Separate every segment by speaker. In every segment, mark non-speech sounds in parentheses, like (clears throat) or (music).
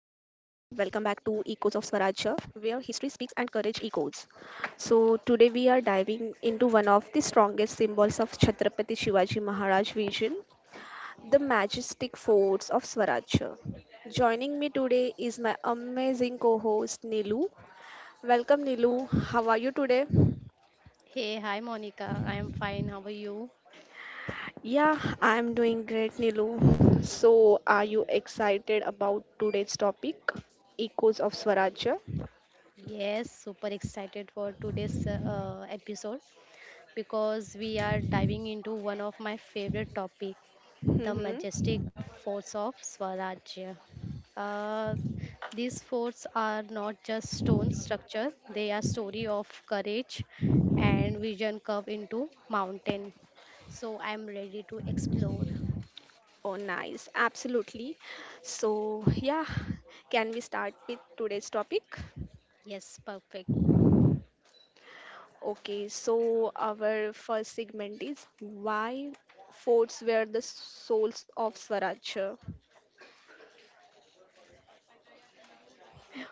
Speaker 1: Echoes of Swarajya, where history speaks and courage echoes. So today we are diving into one of the strongest symbols of Chhatrapati Shivaji Maharaj vision, the majestic forts of Swarajya. Joining me today is my amazing co-host Nilu. Welcome Nilu, how are you today?
Speaker 2: Hey, hi Monica. I am fine. How are you?
Speaker 1: Yeah, I'm doing great, Nilu. So, are you excited about today's topic, Echoes of Swaraj?
Speaker 2: Yes, super excited for today's episode because we are diving into one of my favorite topic, the
Speaker 1: hmm
Speaker 2: majestic forts of Swarajya. Uh, these forts are not just stone structure; they are story of courage and vision curved into mountain. So I am ready to explore.
Speaker 1: Oh, nice. Absolutely. So, yeah, can we start with today's topic?
Speaker 2: Yes, perfect.
Speaker 1: Okay, so our first segment is why forts were the souls of Swarajya.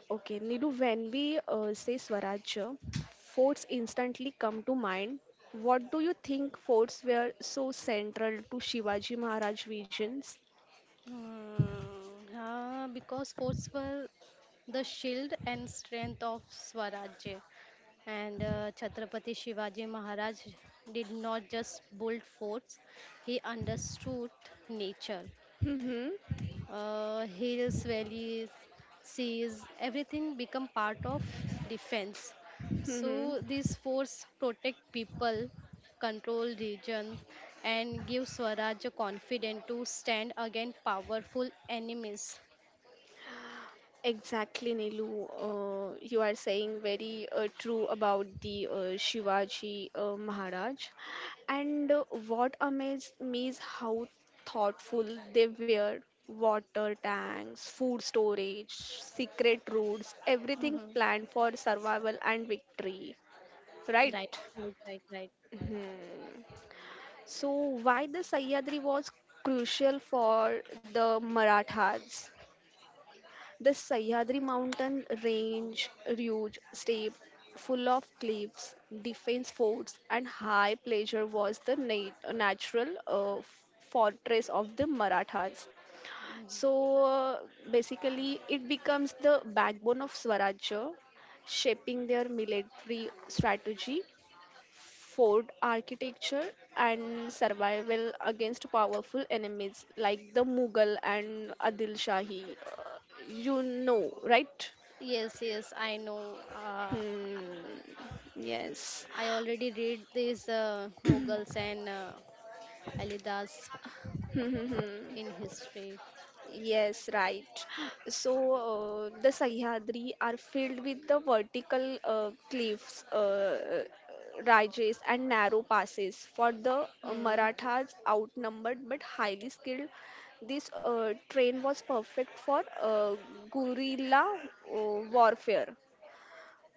Speaker 1: Okay, Nidu, when we say Swarajya, forts instantly come to mind. What do you think forts were so central to Shivaji Maharaj's visions?
Speaker 2: Because forts were the shield and strength of Swarajya. And Chhatrapati Shivaji Maharaj did not just build forts, he understood nature
Speaker 1: Mm-hmm.
Speaker 2: hills, valleys, seas, everything become part of defense.
Speaker 1: Mm-hmm.
Speaker 2: So these force protect people, control region, and give Swaraj a confidence to stand against powerful enemies.
Speaker 1: Exactly, Nilu. You are saying very true about the Shivaji Maharaj. And what amazed me is how thoughtful they were. Water tanks, food storage, secret routes, everything
Speaker 2: Mhm.
Speaker 1: planned for survival and victory. Right?
Speaker 2: Right, right, right, right.
Speaker 1: Mhm. So, why the Sahyadri was crucial for the Marathas? The Sahyadri mountain range, huge, steep, full of cliffs, defense forts, and high pleasure was the natural fortress of the Marathas. So basically, it becomes the backbone of Swarajya, shaping their military strategy, fort architecture, and survival against powerful enemies like the Mughal and Adil Shahi. You know, right?
Speaker 2: Yes, yes, I know.
Speaker 1: Hmm. Yes.
Speaker 2: I already read these Mughals
Speaker 1: (clears throat)
Speaker 2: and Alidas
Speaker 1: Hmm, hmm, hmm.
Speaker 2: in history.
Speaker 1: Yes, right. So the Sahyadri are filled with the vertical cliffs, ridges, and narrow passes. For the
Speaker 2: Hmm.
Speaker 1: Marathas, outnumbered but highly skilled, this train was perfect for guerrilla warfare.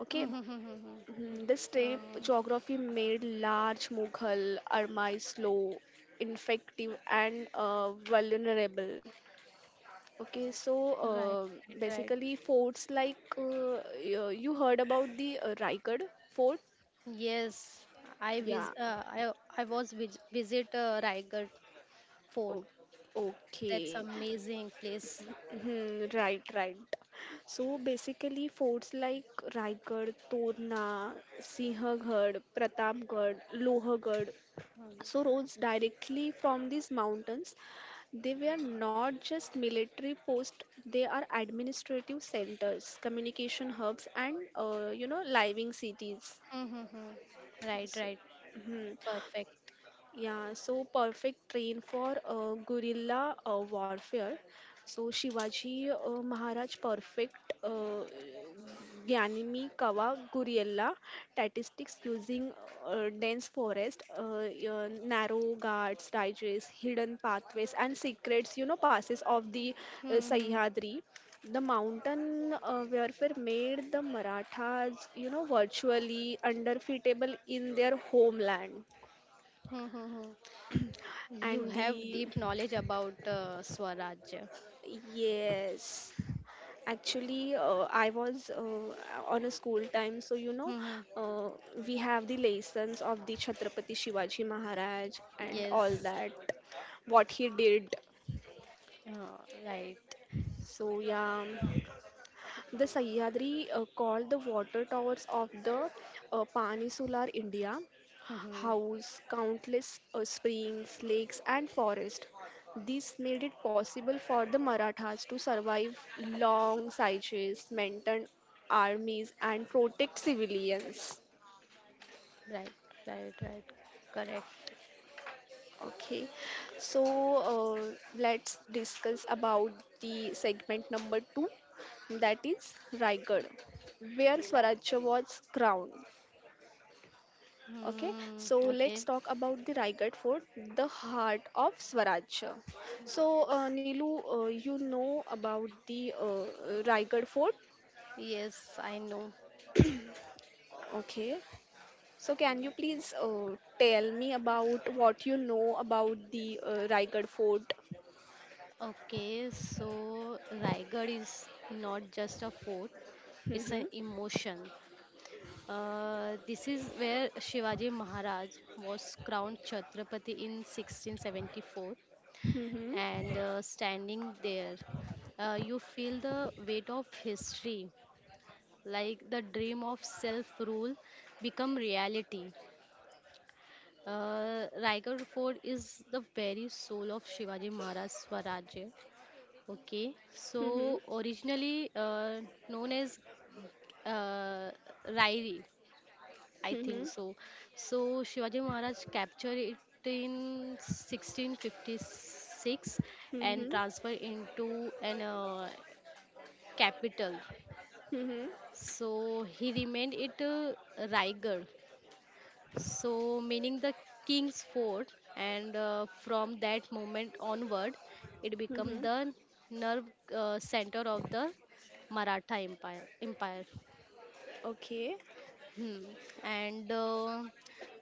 Speaker 1: Okay.
Speaker 2: (laughs)
Speaker 1: Mhm. The steppe
Speaker 2: uh,
Speaker 1: geography made large Mughal armies slow, ineffective, and vulnerable. Okay, so
Speaker 2: Right,
Speaker 1: uh,
Speaker 2: right, right.
Speaker 1: basically forts like you heard about the Raigad fort?
Speaker 2: Yes, I vis
Speaker 1: Yeah.
Speaker 2: uh, I I was vis visit Raigad Fort.
Speaker 1: O-
Speaker 2: That's
Speaker 1: okay.
Speaker 2: amazing place.
Speaker 1: Hmm, right, right. So basically forts like Raigad, Torna, Sinhagad, Pratapgarh, Lohagad, so roads directly from these mountains, they were not just military posts, they are administrative centers, communication hubs, and you know, living cities.
Speaker 2: Hmm, hmm, hmm. Right, right.
Speaker 1: Mhm.
Speaker 2: Perfect.
Speaker 1: Yeah, so perfect train for guerrilla warfare. So Shivaji Maharaj perfect Gyanimi Kawa Guriella statistics using dense forest, narrow guards, digest, hidden pathways, and secrets, you know, passes of the
Speaker 2: Hmm, hmm,
Speaker 1: Sahyadri. The mountain warfare made the Marathas, you know, virtually undefeatable in their homeland.
Speaker 2: hmm, hmm, hmm. You
Speaker 1: And
Speaker 2: have
Speaker 1: the
Speaker 2: deep knowledge about Swarajya.
Speaker 1: yes, actually, I was on a school time, so you know,
Speaker 2: Hmm, hmm.
Speaker 1: uh, we have the lessons of the Chhatrapati Shivaji Maharaj and all
Speaker 2: Yes.
Speaker 1: that, what he did.
Speaker 2: Uh, right.
Speaker 1: So, yeah, the Sahyadri called the water towers of the Pani Solar India
Speaker 2: Hmm, hmm.
Speaker 1: house, countless springs, lakes, and forests. This made it possible for the Marathas to survive long sieges, maintain armies, and protect civilians.
Speaker 2: Right, right, right. Correct.
Speaker 1: Okay, so let's discuss about the segment number two, that is Raigad, where Swarajya was crowned. Okay,
Speaker 2: Hmm.
Speaker 1: so let's
Speaker 2: Okay.
Speaker 1: talk about the Raigad Fort, the heart of Swaraj. So, Nilu, you know about the Raigad Fort?
Speaker 2: Yes, I know.
Speaker 1: Okay, so can you please tell me about what you know about the Raigad Fort?
Speaker 2: Okay, so Raigad is not just a fort, it's
Speaker 1: Mm-hmm.
Speaker 2: an emotion. This is where Shivaji Maharaj was crowned Chhatrapati in 1674,
Speaker 1: Mm-hmm.
Speaker 2: and standing there, you feel the weight of history, like the dream of self rule become reality. Raigad Fort is the very soul of Shivaji Maharaj's Swaraj. Okay, so
Speaker 1: Mm-hmm.
Speaker 2: originally known as uh, Rairi, I think so. So Shivaji Maharaj captured it in 1656
Speaker 1: Mm-hmm.
Speaker 2: and
Speaker 1: Mm-hmm.
Speaker 2: transferred into an capital.
Speaker 1: Mm-hmm.
Speaker 2: So he remained it Raigad. So, meaning the king's fort, and from that moment onward, it
Speaker 1: Mm-hmm.
Speaker 2: became the nerve center of the Maratha Empire.
Speaker 1: Okay.
Speaker 2: Hmm. And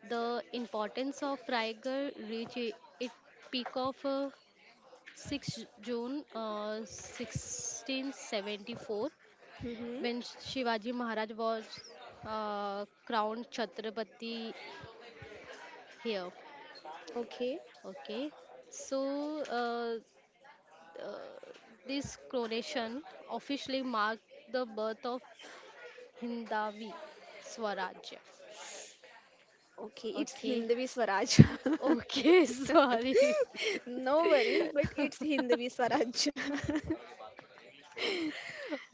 Speaker 2: The importance of Raigad reached its peak of 6 June 1674
Speaker 1: Mm-hmm.
Speaker 2: when Shivaji Maharaj was crowned Chhatrapati here.
Speaker 1: Okay.
Speaker 2: Okay, so uh, this coronation officially marked the birth of Hindavi Swarajya.
Speaker 1: Okay. It's
Speaker 2: Okay,
Speaker 1: Hindavi Swaraj.
Speaker 2: okay, (laughs)
Speaker 1: (laughs)
Speaker 2: sorry.
Speaker 1: (laughs) No worries, but it's Hindvi Swaraj. (laughs)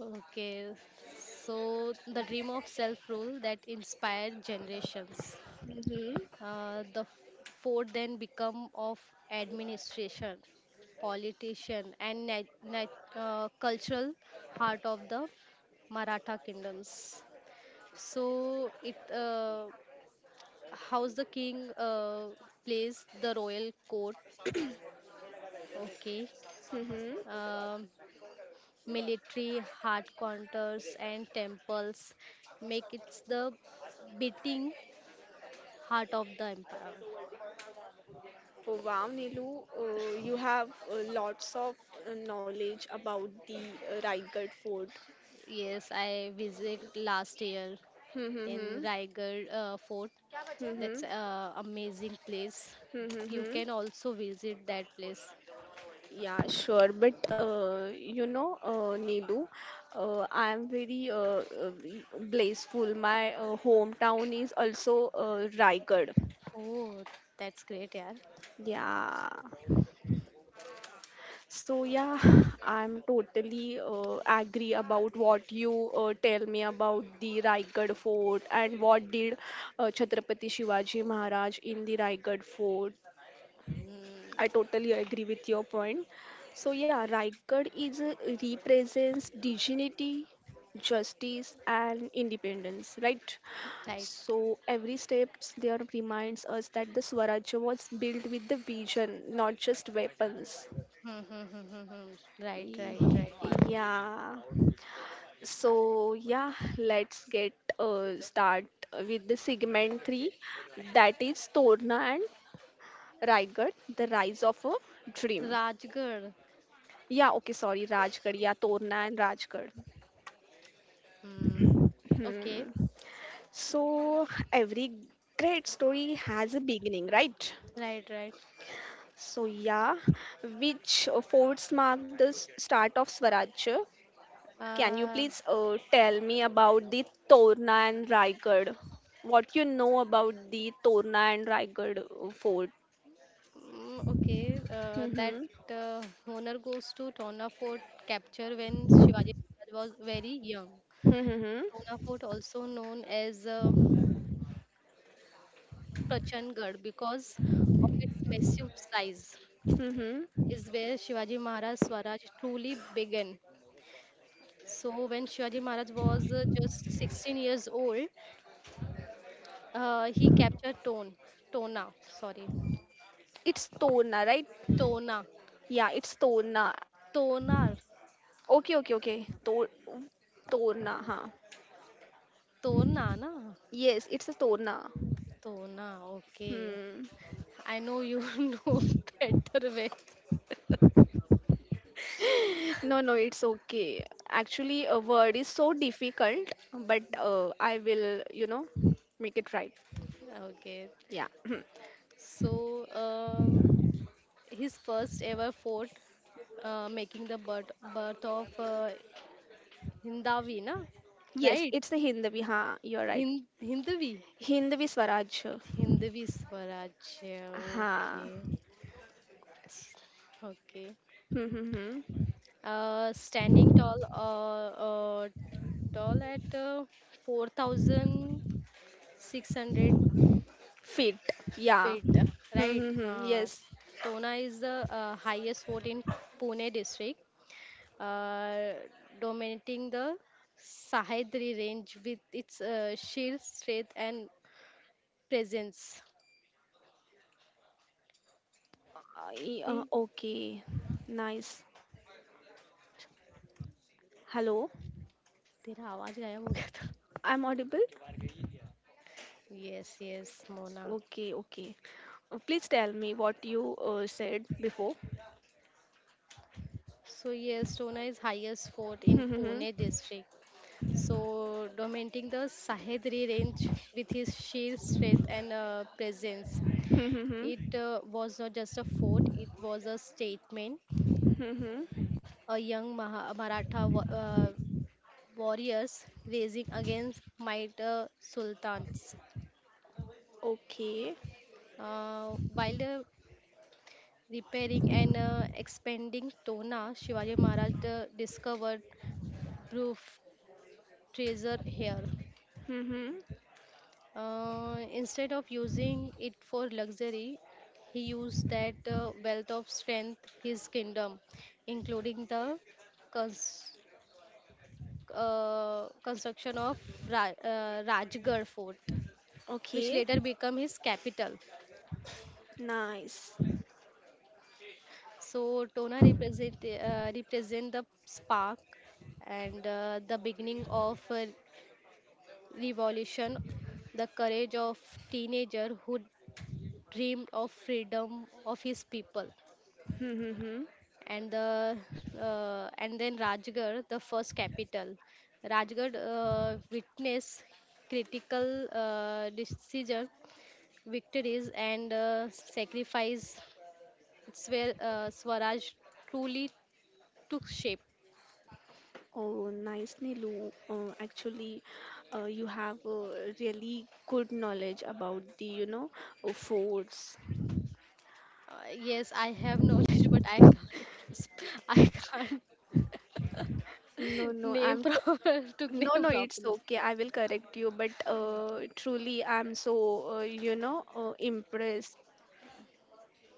Speaker 2: Okay, so the dream of self rule that inspired generations.
Speaker 1: Mm-hmm.
Speaker 2: The four then become of administration, politician, and cultural heart of the Maratha kingdoms. So it how's the king plays the royal court? Okay,
Speaker 1: Mm-hmm.
Speaker 2: Um military hard counters and temples make it the beating heart of the empire.
Speaker 1: Oh, wow, Nilu, you have lots of knowledge about the Raigad fort.
Speaker 2: Yes, I visit last year in
Speaker 1: Mm-hmm.
Speaker 2: Raigad Fort. That's
Speaker 1: Mm-hmm.
Speaker 2: a amazing place. You
Speaker 1: Mm-hmm.
Speaker 2: can also visit that place.
Speaker 1: Yeah, sure. But you know, Nilu, I am very blissful. My hometown is also Raigad.
Speaker 2: Oh, that's great, yeah.
Speaker 1: Yeah. So yeah, (sighs) I'm totally agree about what you tell me about the Raigad fort and what did Chhatrapati Shivaji Maharaj in the Raigad fort. I totally agree with your point. So yeah, Raigad is a, represents dignity, justice and independence, right?
Speaker 2: Right.
Speaker 1: So every steps there reminds us that the Swarajya was built with the vision, not just weapons.
Speaker 2: Hmm, hmm, hmm, hmm, hmm. Right, right,
Speaker 1: Y-
Speaker 2: right.
Speaker 1: Yeah. So yeah, let's get start with the segment three, that is Torna and Raigad, the rise of a dream.
Speaker 2: Rajgarh.
Speaker 1: Yeah, okay, sorry, Rajgarh. Yeah, Torna and Rajgarh.
Speaker 2: Hmm. Okay.
Speaker 1: Hmm. So every great story has a beginning, right?
Speaker 2: Right, right.
Speaker 1: So yeah, which forts mark the start of Swaraj. Can you
Speaker 2: Uh,
Speaker 1: please tell me about the Torna and Raigad? What you know about the Torna and Raigad fort?
Speaker 2: okay. That
Speaker 1: Mm-hmm.
Speaker 2: uh, honor goes to Tona Fort capture when Shivaji Maharaj was very young.
Speaker 1: Mm-hmm.
Speaker 2: Tona Fort also known as Prachangarh because of its massive size
Speaker 1: Mm-hmm.
Speaker 2: is where Shivaji Maharaj Swaraj truly began. So when Shivaji Maharaj was just 16 years old, he captured Tona, sorry,
Speaker 1: It's Torna, right?
Speaker 2: Tona,
Speaker 1: Yeah, it's Torna.
Speaker 2: Tonar,
Speaker 1: Okay, okay, okay. Torna, huh?
Speaker 2: Tona, na,
Speaker 1: Yes, it's a Torna.
Speaker 2: Tona. Okay,
Speaker 1: Hmm. (laughs)
Speaker 2: I know you (laughs) know better way.
Speaker 1: No, no, it's okay. Actually, a word is so difficult, but I will, you know, make it right.
Speaker 2: Okay,
Speaker 1: Yeah. (clears throat)
Speaker 2: so his first ever fort, making the birth of Hindavi, na,
Speaker 1: Yes,
Speaker 2: right?
Speaker 1: it's a Hindavi. Huh? You're right.
Speaker 2: Hind Hindavi,
Speaker 1: Hinduism, Swaraj,
Speaker 2: Hindavi Swaraj. Yeah,
Speaker 1: ha,
Speaker 2: okay, okay.
Speaker 1: hmm, hmm, hmm.
Speaker 2: Standing uh, tall at 4,600
Speaker 1: Fit, yeah,
Speaker 2: feet,
Speaker 1: hmm,
Speaker 2: right?
Speaker 1: hmm, hmm, yes,
Speaker 2: Tona is the highest fort in Pune district, uh, dominating the Sahyadri range with its sheer strength and presence. A,
Speaker 1: ah, okay, nice. Hello,
Speaker 2: तेरा आवाज गायब हो गया था
Speaker 1: I'm audible.
Speaker 2: Yes, yes, Mona.
Speaker 1: Okay, okay. Please tell me what you said before.
Speaker 2: So yes, Tona is highest fort in
Speaker 1: Hmm, hmm,
Speaker 2: Pune district. So, dominating the Sahedri range with his sheer strength and presence.
Speaker 1: hmm, hmm, hmm,
Speaker 2: It
Speaker 1: hmm.
Speaker 2: uh, was not just a fort, it was a statement.
Speaker 1: Hmm, hmm.
Speaker 2: A young Maratha warriors raising against might sultans.
Speaker 1: Okay.
Speaker 2: While repairing and expanding Tona, Shivaji Maharaj discovered proof treasure here.
Speaker 1: Hmm, hmm.
Speaker 2: Instead of using it for luxury, he used that wealth of strength, his kingdom, including the cons- construction of Rajgarh Fort, which
Speaker 1: Okay.
Speaker 2: later became his capital.
Speaker 1: Nice.
Speaker 2: So Tona represent the spark and the beginning of a revolution, the courage of teenager who dreamed of freedom of his people.
Speaker 1: Hmm, hmm, hmm.
Speaker 2: And the and then Rajgarh, the first capital. Rajgarh witnessed critical decision, victories, and sacrifice. It's where Swaraj truly took shape.
Speaker 1: Oh, nice, Nilu. Actually, you have really good knowledge about the, you know, forts.
Speaker 2: Yes, I have knowledge, (laughs) but I can't sp- (laughs) I can't
Speaker 1: No,
Speaker 2: (laughs)
Speaker 1: no,
Speaker 2: name
Speaker 1: I'm t
Speaker 2: proper (laughs) to
Speaker 1: no,
Speaker 2: name
Speaker 1: no, it's
Speaker 2: properly.
Speaker 1: okay. I will correct you, but truly, I'm so, you know, impressed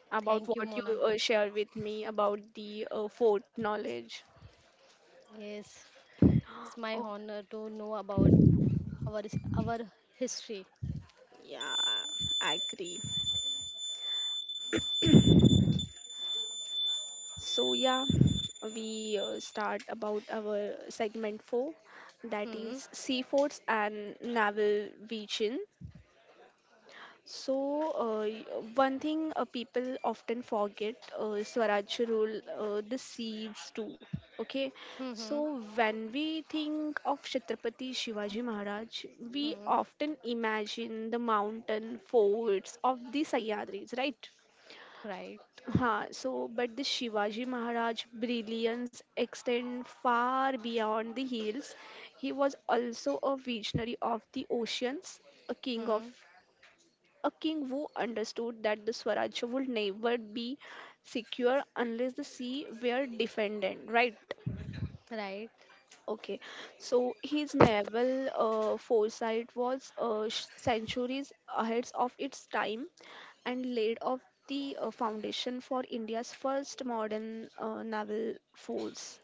Speaker 1: about
Speaker 2: Thank you,
Speaker 1: what you
Speaker 2: Mona.
Speaker 1: share with me about the fort knowledge.
Speaker 2: Yes,
Speaker 1: (gasps)
Speaker 2: it's my
Speaker 1: Oh,
Speaker 2: honor to know about our our history.
Speaker 1: yeah, I agree. So yeah, we start about our segment 4 that
Speaker 2: Hmm.
Speaker 1: is seafoods and naval vision. So one thing people often forget Swaraj rule the seas too. Okay,
Speaker 2: Mm-hmm.
Speaker 1: so when we think of Chhatrapati Shivaji Maharaj, we
Speaker 2: Hmm.
Speaker 1: often imagine the mountain forts of the Sahyadris, right?
Speaker 2: Right.
Speaker 1: Huh, so, but the Shivaji Maharaj brilliance extend far beyond the hills. He was also a visionary of the oceans, a king of
Speaker 2: Hmm.
Speaker 1: a king who understood that the Swaraj would never be secure unless the sea were defended. Right?
Speaker 2: Right.
Speaker 1: Okay. So his naval foresight was centuries ahead of its time and laid off the foundation for India's first modern naval force.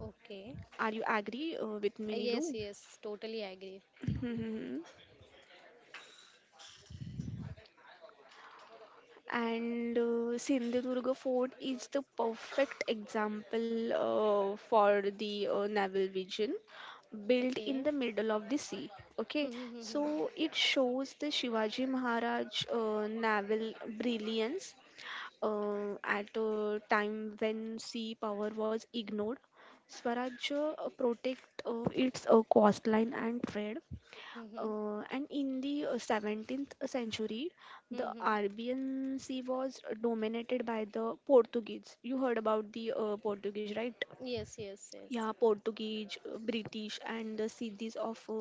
Speaker 2: Okay.
Speaker 1: Are you agree with me,
Speaker 2: Yes,
Speaker 1: Nilu? (laughs)
Speaker 2: yes, totally agree.
Speaker 1: Mhm. And Sindhudurga Fort is the perfect example for the naval vision, built in
Speaker 2: Okay.
Speaker 1: the middle of the sea. Okay,
Speaker 2: Mm-hmm.
Speaker 1: so it shows the Shivaji Maharaj naval brilliance at a time when sea power was ignored. Swaraj protect its coastline and trade.
Speaker 2: Mm-hmm.
Speaker 1: And in the 17th century, the
Speaker 2: Mm-hmm.
Speaker 1: Arabian Sea was dominated by the Portuguese. You heard about the Portuguese, right?
Speaker 2: Yes, yes,
Speaker 1: Yeah,
Speaker 2: yes.
Speaker 1: Portuguese, British, and the cities of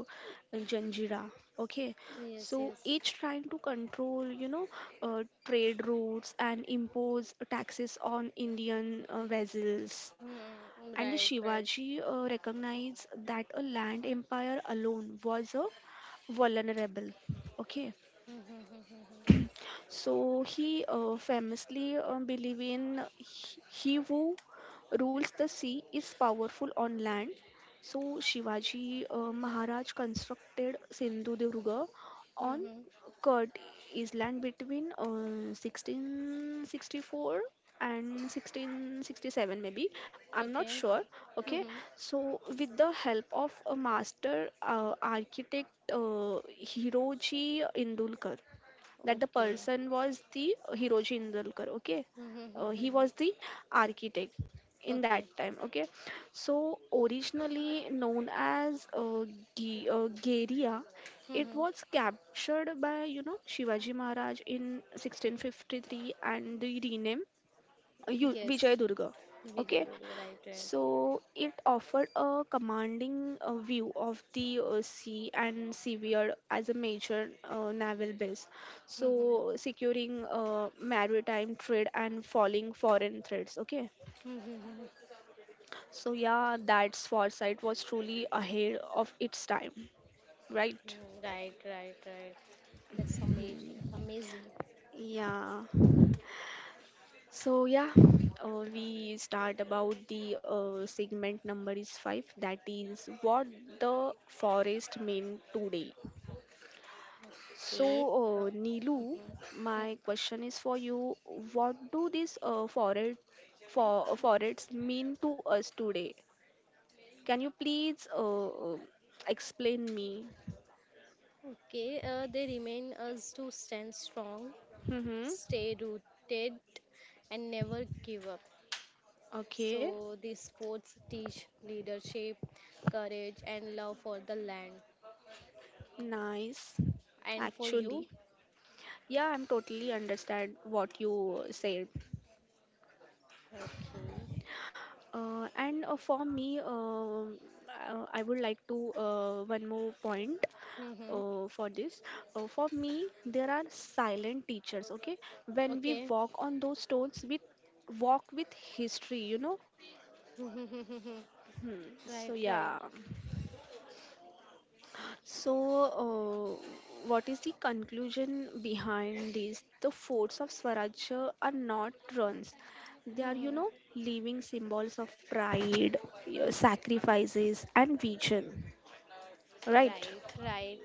Speaker 1: Janjira. Okay,
Speaker 2: Yes,
Speaker 1: so
Speaker 2: yes.
Speaker 1: each trying to control, you know, trade routes and impose taxes on Indian vessels.
Speaker 2: Mm-hmm.
Speaker 1: And the
Speaker 2: Right, right.
Speaker 1: Shivaji recognized that a land empire alone was a vulnerable. Okay,
Speaker 2: Mm-hmm.
Speaker 1: so he famously believed in he who rules the sea is powerful on land. So Shivaji Maharaj constructed Sindhudurga on
Speaker 2: Mm-hmm.
Speaker 1: Kurt Island between 1664 and 1667, maybe, I'm not
Speaker 2: Okay.
Speaker 1: sure. Okay,
Speaker 2: Mm-hmm.
Speaker 1: so with the help of a master architect, Hiroji Indulkar. That the
Speaker 2: Okay.
Speaker 1: person was the Hiroji Indulkar. Okay, he
Speaker 2: Mm-hmm.
Speaker 1: was the architect in that
Speaker 2: Okay.
Speaker 1: time. Okay, so originally known as Geria, it
Speaker 2: Mm-hmm.
Speaker 1: was captured by, you know, Shivaji Maharaj in 1653 and the rename
Speaker 2: Yes.
Speaker 1: Vijayadurga.
Speaker 2: Vijay
Speaker 1: Okay,
Speaker 2: Durga. Right, right.
Speaker 1: so it offered a commanding view of the sea and seaward as a major naval base, so
Speaker 2: Mm-hmm.
Speaker 1: securing maritime trade and falling foreign threats. Okay,
Speaker 2: Mm-hmm.
Speaker 1: so yeah, that's foresight was truly ahead of its time, right?
Speaker 2: Mm-hmm. Right, right, right. That's amazing.
Speaker 1: Mhm.
Speaker 2: Amazing.
Speaker 1: Yeah. So yeah, we start about the segment number is five. That is what the forest mean today.
Speaker 2: Okay.
Speaker 1: So Neelu,
Speaker 2: Mhm.
Speaker 1: my question is for you. What do these forests mean to us today? Can you please explain me?
Speaker 2: Okay, they remind us to stand strong,
Speaker 1: Mm-hmm.
Speaker 2: stay rooted, and never give up.
Speaker 1: Okay,
Speaker 2: So, these sports teach leadership, courage, and love for the land.
Speaker 1: nice.
Speaker 2: And for
Speaker 1: Actually,
Speaker 2: you?
Speaker 1: yeah, I'm totally understand what you said.
Speaker 2: Okay.
Speaker 1: And for me, I would like to one more point
Speaker 2: Mm-hmm.
Speaker 1: for this. For me, there are silent teachers. Okay, when we
Speaker 2: Okay.
Speaker 1: walk on those stones, we walk with history. You know.
Speaker 2: (laughs)
Speaker 1: Hmm. So
Speaker 2: right, right.
Speaker 1: yeah. So, what is the conclusion behind this? The forts of Swaraj are not runs. They are, you
Speaker 2: Mm-hmm.
Speaker 1: know, living symbols of pride, your sacrifices, and vision, right?
Speaker 2: Right, right.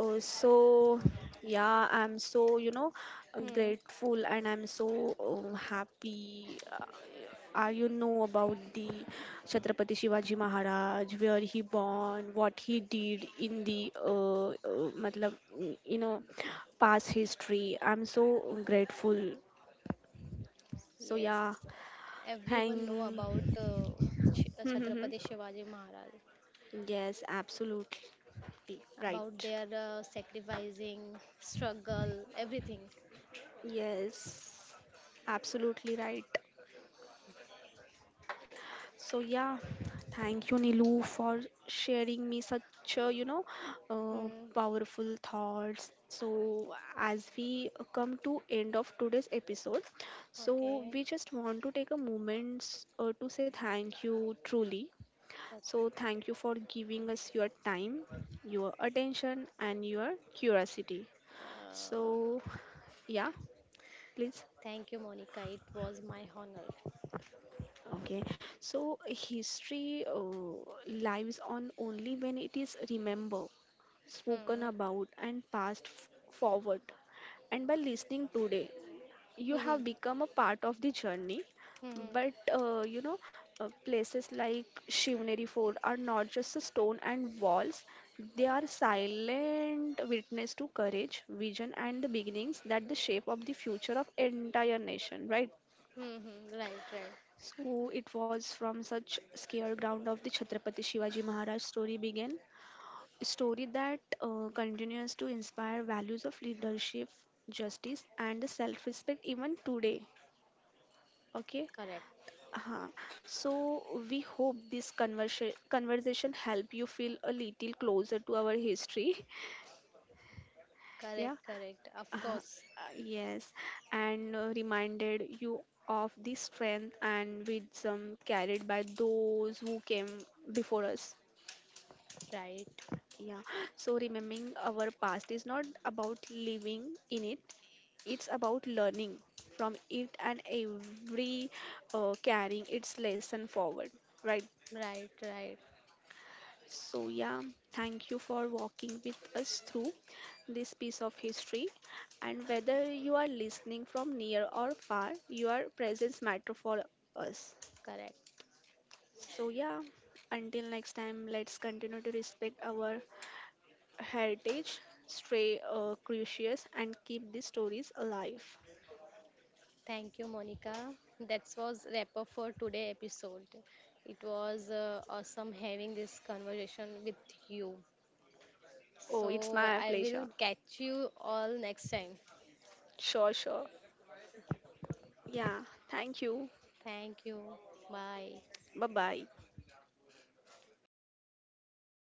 Speaker 1: So yeah, I'm so, you know,
Speaker 2: Hmm.
Speaker 1: grateful, and I'm so happy. You know about the Chhatrapati Shivaji Maharaj, where he born, what he did in the matlab, you know, past history. I'm so grateful. So yeah,
Speaker 2: Yes, everyone know about
Speaker 1: thank.
Speaker 2: Chhatrapati
Speaker 1: (laughs)
Speaker 2: Shivaji Maharaj.
Speaker 1: Yes, absolutely
Speaker 2: About
Speaker 1: right.
Speaker 2: their sacrificing, struggle, everything.
Speaker 1: Yes, absolutely right. So yeah, thank you Nilu for sharing me such a, you know, uh,
Speaker 2: Hmm.
Speaker 1: powerful thoughts. So as we come to end of today's episode, so
Speaker 2: Okay.
Speaker 1: we just want to take a moment to say thank you truly.
Speaker 2: Okay.
Speaker 1: So thank you for giving us your time, your attention and your curiosity.
Speaker 2: Uh,
Speaker 1: So yeah, please.
Speaker 2: Thank you, Monica. It was my honor.
Speaker 1: Okay, so history lives on only when it is remembered, spoken
Speaker 2: Hmm.
Speaker 1: about and passed forward. And by listening today, you
Speaker 2: (laughs) Hmm.
Speaker 1: have become a part of the journey.
Speaker 2: Hmm.
Speaker 1: But you know, places like Shivneri Fort are not just a stone and walls, they are silent witness to courage, vision, and the beginnings that the shape of the future of entire nation, right?
Speaker 2: Hmm. Right, right.
Speaker 1: So it was from such scared ground of the Chhatrapati Shivaji Maharaj story that continues to inspire values of leadership, justice, and self respect even today. Okay,
Speaker 2: Correct.
Speaker 1: uh huh, so we hope this conversation help you feel a little closer to our history. (laughs)
Speaker 2: Correct,
Speaker 1: Yeah.
Speaker 2: correct. Of
Speaker 1: Uh-huh.
Speaker 2: course.
Speaker 1: Uh yes, and reminded you of the strength and wisdom carried by those who came before us.
Speaker 2: Right,
Speaker 1: Yeah, so remembering our past is not about living in it. It's about learning from it, and every carrying its lesson forward, right?
Speaker 2: right, right.
Speaker 1: So, yeah, thank you for walking with us through this piece of history. And whether you are listening from near or far, your presence matter for us.
Speaker 2: Correct.
Speaker 1: So, yeah, until next time, let's continue to respect our heritage, stay curious, and keep these stories alive.
Speaker 2: Thank you, Monica. That was wrap up for today episode. It was awesome having this conversation with you.
Speaker 1: Oh, it's
Speaker 2: So
Speaker 1: my
Speaker 2: I will
Speaker 1: pleasure.
Speaker 2: catch you all next time.
Speaker 1: Sure, sure. Yeah, thank you.
Speaker 2: Thank you. Bye.
Speaker 1: Bye bye.